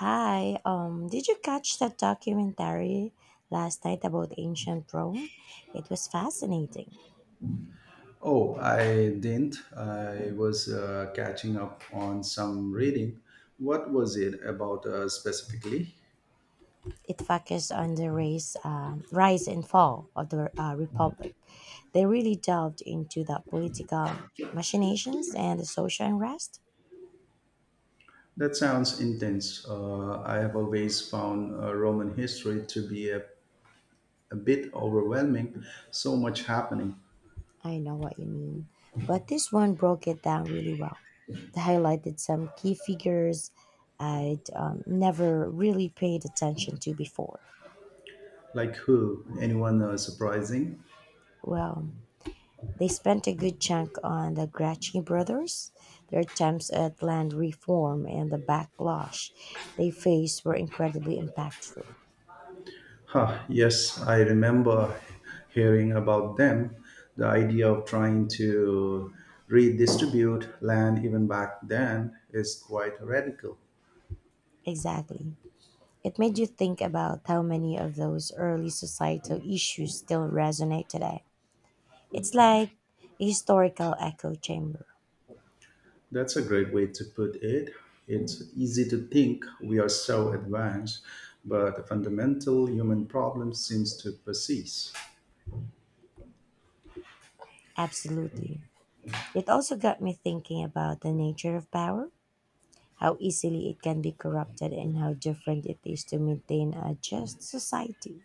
Hi, did you catch that documentary last night about ancient Rome? It was fascinating. Oh, I didn't. I was catching up on some reading. What was it about specifically? It focused on the rise and fall of the Republic. They really delved into the political machinations and the social unrest. That sounds intense. I have always found Roman history to be a bit overwhelming. So much happening. I know what you mean, but this one broke it down really well. They highlighted some key figures I'd never really paid attention to before. Like who? Anyone surprising? Well, they spent a good chunk on the Gracchi brothers. Their attempts at land reform and the backlash they faced were incredibly impactful. Huh, yes, I remember hearing about them. The idea of trying to redistribute land even back then is quite radical. Exactly. It made you think about how many of those early societal issues still resonate today. It's like a historical echo chamber. That's a great way to put it. It's easy to think we are so advanced, but the fundamental human problem seems to persist. Absolutely. It also got me thinking about the nature of power, how easily it can be corrupted, and how different it is to maintain a just society.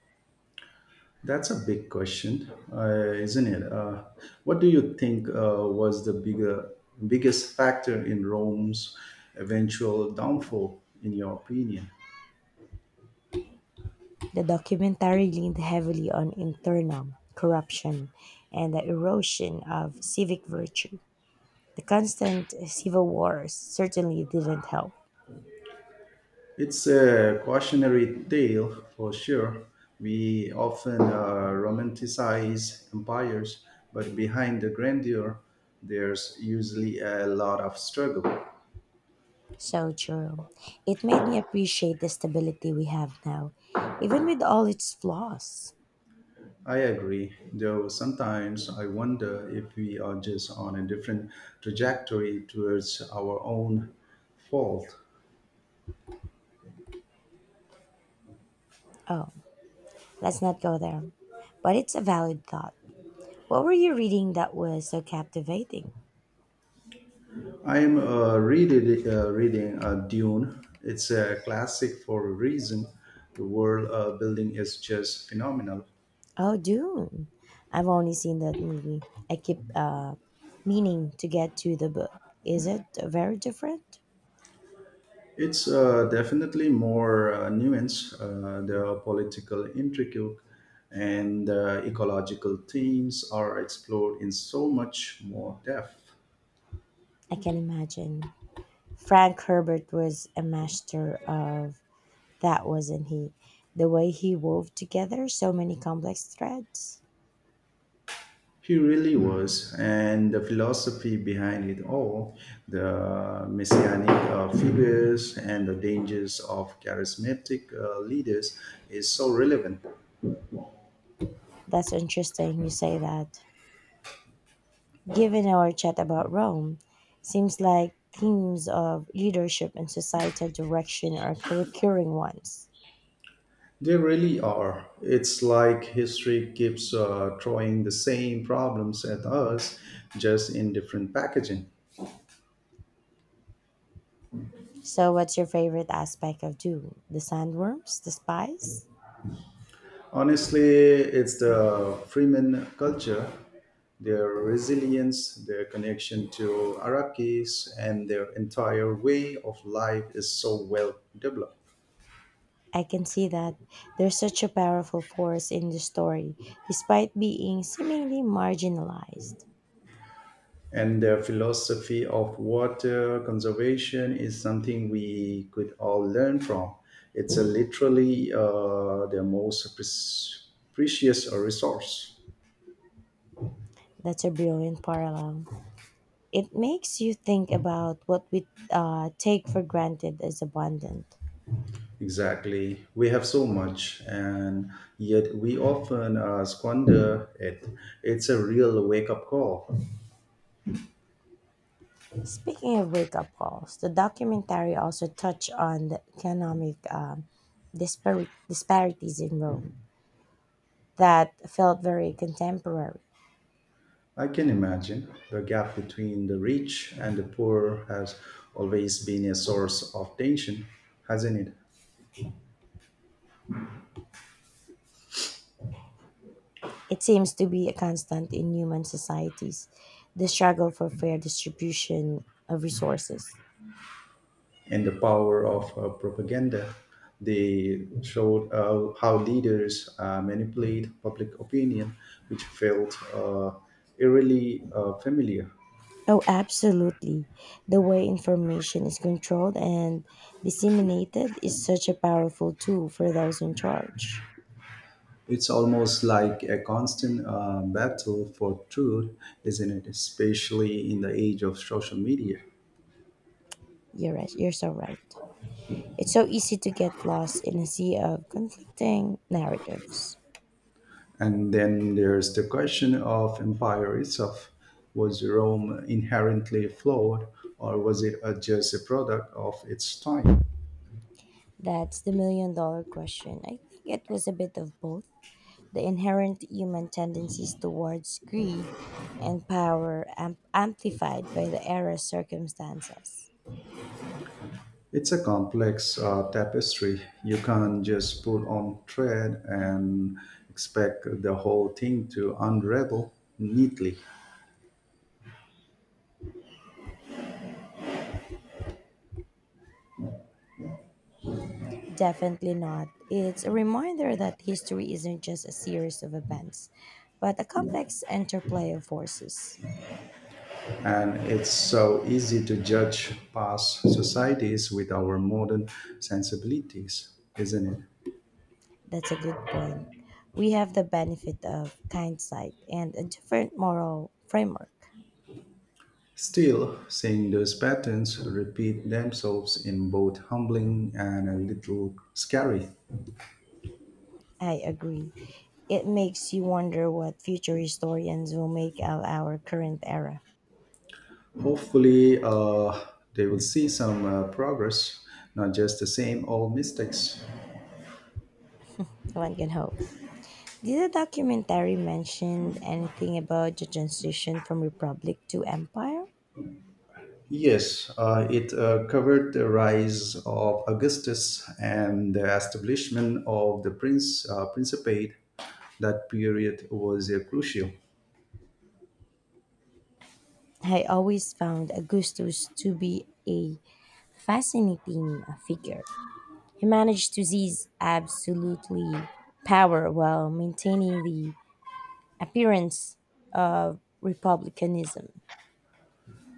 That's a big question, isn't it? What do you think was the biggest factor in Rome's eventual downfall, in your opinion? The documentary leaned heavily on internal corruption and the erosion of civic virtue. The constant civil wars certainly didn't help. It's a cautionary tale for sure. We often romanticize empires, but behind the grandeur, there's usually a lot of struggle. So true. It made me appreciate the stability we have now, even with all its flaws. I agree, though sometimes I wonder if we are just on a different trajectory towards our own fault. Oh, let's not go there. But it's a valid thought. What were you reading that was so captivating? I'm reading Dune. It's a classic for a reason. The world building is just phenomenal. Oh, Dune. I've only seen that movie. I keep meaning to get to the book. Is it very different? It's definitely more nuanced. There political intrigue and ecological themes are explored in so much more depth. I can imagine. Frank Herbert was a master of that, wasn't he? The way he wove together so many complex threads. He really was, and the philosophy behind it all, the messianic figures and the dangers of charismatic leaders is so relevant. That's interesting you say that. Given our chat about Rome, seems like themes of leadership and societal direction are recurring ones. They really are. It's like history keeps throwing the same problems at us, just in different packaging. So, what's your favorite aspect of Dune? The sandworms? The spies? Honestly, it's the Freeman culture, their resilience, their connection to Iraqis, and their entire way of life is so well developed. I can see that they're such a powerful force in the story, despite being seemingly marginalized. And their philosophy of water conservation is something we could all learn from. It's a literally the most precious resource. That's a brilliant parallel. It makes you think about what we take for granted as abundant. Exactly. We have so much, and yet we often squander it. It's a real wake up call. Speaking of wake up calls, the documentary also touched on the economic disparities in Rome that felt very contemporary. I can imagine the gap between the rich and the poor has always been a source of tension, hasn't it? It seems to be a constant in human societies, the struggle for fair distribution of resources. And the power of propaganda. They showed how leaders manipulate public opinion, which felt eerily familiar. Oh, absolutely. The way information is controlled and disseminated is such a powerful tool for those in charge. It's almost like a constant battle for truth, isn't it? Especially in the age of social media. You're so right. It's so easy to get lost in a sea of conflicting narratives. And then there's the question of empire itself. Was Rome inherently flawed, or was it just a product of its time? That's the million dollar question. I think it was a bit of both. The inherent human tendencies towards greed and amplified by the era's circumstances. It's a complex tapestry. You can't just put on thread and expect the whole thing to unravel neatly. Definitely not. It's a reminder that history isn't just a series of events, but a complex interplay of forces. And it's so easy to judge past societies with our modern sensibilities, isn't it? That's a good point. We have the benefit of hindsight and a different moral framework. Still, seeing those patterns repeat themselves in both humbling and a little scary. I agree. It makes you wonder what future historians will make of our current era. Hopefully, they will see some progress, not just the same old mistakes. One can hope. Did the documentary mention anything about the transition from republic to empire? Yes, it covered the rise of Augustus and the establishment of the prince principate. That period was crucial. I always found Augustus to be a fascinating figure. He managed to seize absolutely power while maintaining the appearance of republicanism.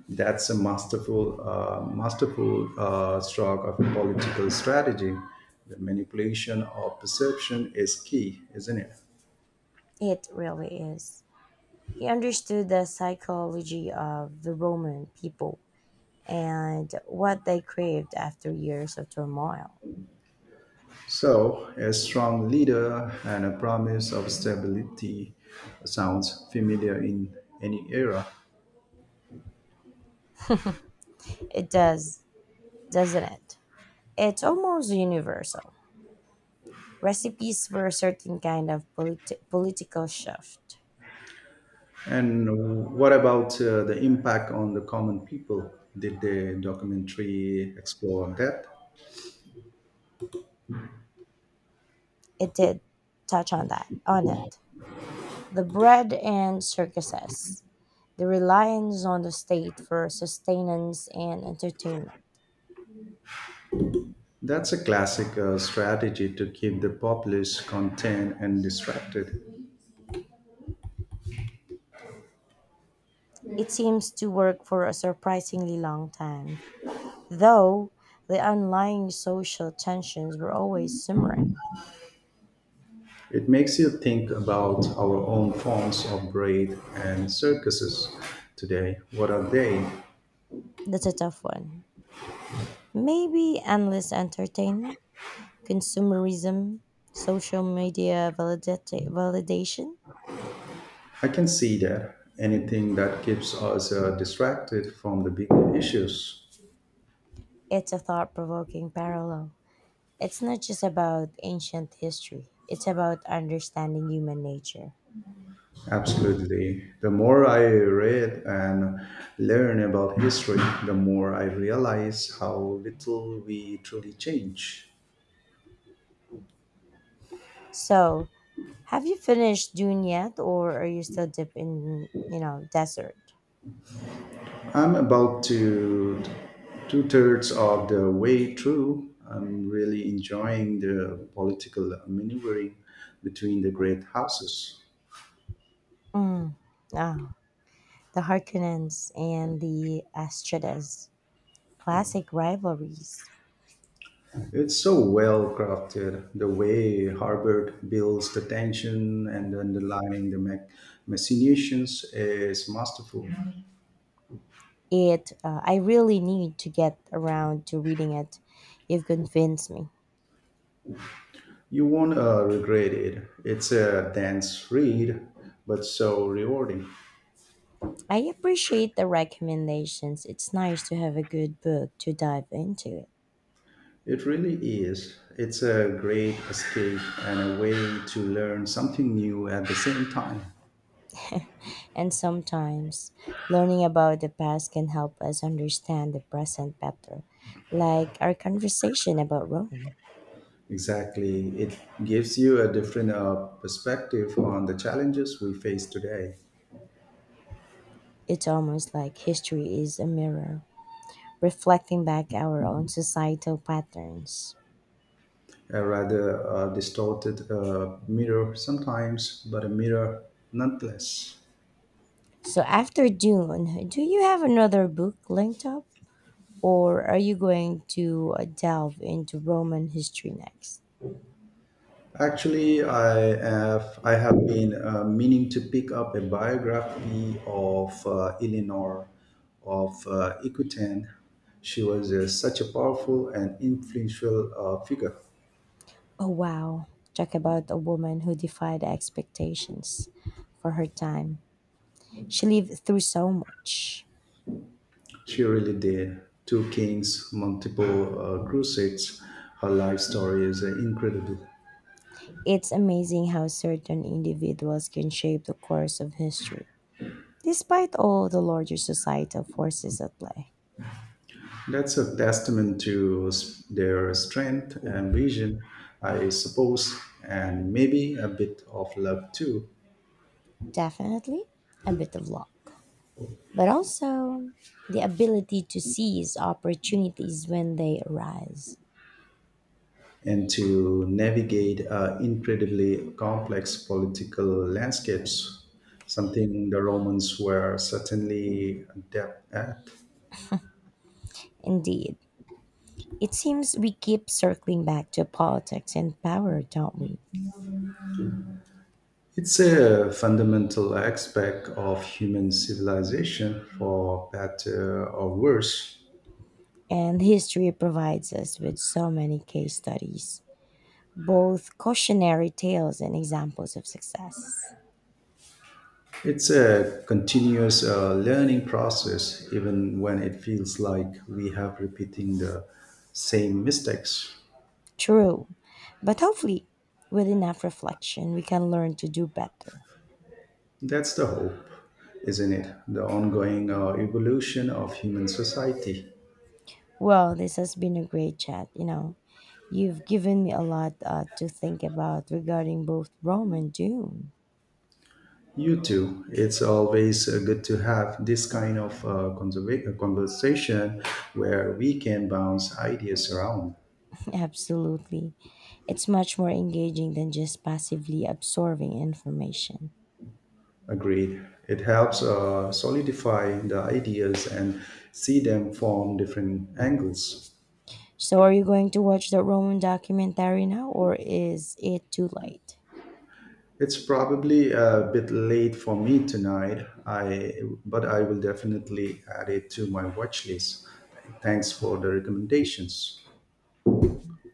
That's a masterful stroke of a political strategy. The manipulation of perception is key, isn't it? It really is. He understood the psychology of the Roman people and what they craved after years of turmoil. So, a strong leader and a promise of stability sounds familiar in any era. It does, doesn't it? It's almost universal. Recipes for a certain kind of political shift. And what about the impact on the common people? Did the documentary explore that? It did touch on it. The bread and circuses, the reliance on the state for sustenance and entertainment. That's a classic strategy to keep the populace contained and distracted. It seems to work for a surprisingly long time, though the underlying social tensions were always simmering. It makes you think about our own forms of braid and circuses today. What are they? That's a tough one. Maybe endless entertainment, consumerism, social media validation. I can see that anything that keeps us distracted from the bigger issues. It's a thought provoking parallel. It's not just about ancient history, it's about understanding human nature. Absolutely. The more I read and learn about history, the more I realize how little we truly change. So, have you finished Dune yet, or are you still deep in, you know, desert? I'm about to two-thirds of the way through. I'm really enjoying the political maneuvering between the great houses. Mm. Ah, the Harkonnens and the Astridas. Classic rivalries. It's so well crafted, the way Harbert builds the tension and underlying the machinations is masterful. I really need to get around to reading it. You've convinced me. You won't regret it. It's a dense read, but so rewarding. I appreciate the recommendations. It's nice to have a good book to dive into it. It really is. It's a great escape and a way to learn something new at the same time. And sometimes learning about the past can help us understand the present better, like our conversation about Rome. Exactly. It gives you a different perspective on the challenges we face today. It's almost like history is a mirror, reflecting back our own societal patterns. A rather distorted mirror sometimes, but a mirror nonetheless. So after Dune, do you have another book linked up, or are you going to delve into Roman history next? Actually, I have been meaning to pick up a biography of Eleanor of Equitan. She was such a powerful and influential figure. Oh wow, talk about a woman who defied expectations for her time. She lived through so much. She really did two kings, multiple crusades. Her life story is incredible. It's amazing how certain individuals can shape the course of history, despite all the larger societal forces at play. That's a testament to their strength and vision, I suppose, and maybe a bit of love too. Definitely a bit of luck, but also the ability to seize opportunities when they arise. And to navigate incredibly complex political landscapes, something the Romans were certainly adept at. Indeed, it seems we keep circling back to politics and power, don't we? It's a fundamental aspect of human civilization, for better or worse. And history provides us with so many case studies, both cautionary tales and examples of success. It's a continuous learning process, even when it feels like we have repeating the same mistakes. True, but hopefully, with enough reflection, we can learn to do better. That's the hope, isn't it? The ongoing evolution of human society. Well, this has been a great chat. You know, you've given me a lot to think about regarding both Rome and Dune. You too. It's always good to have this kind of conversation where we can bounce ideas around. Absolutely. It's much more engaging than just passively absorbing information. Agreed. It helps solidify the ideas and see them from different angles. So, are you going to watch the Roman documentary now, or is it too late? It's probably a bit late for me tonight. I but I will definitely add it to my watch list. Thanks for the recommendations.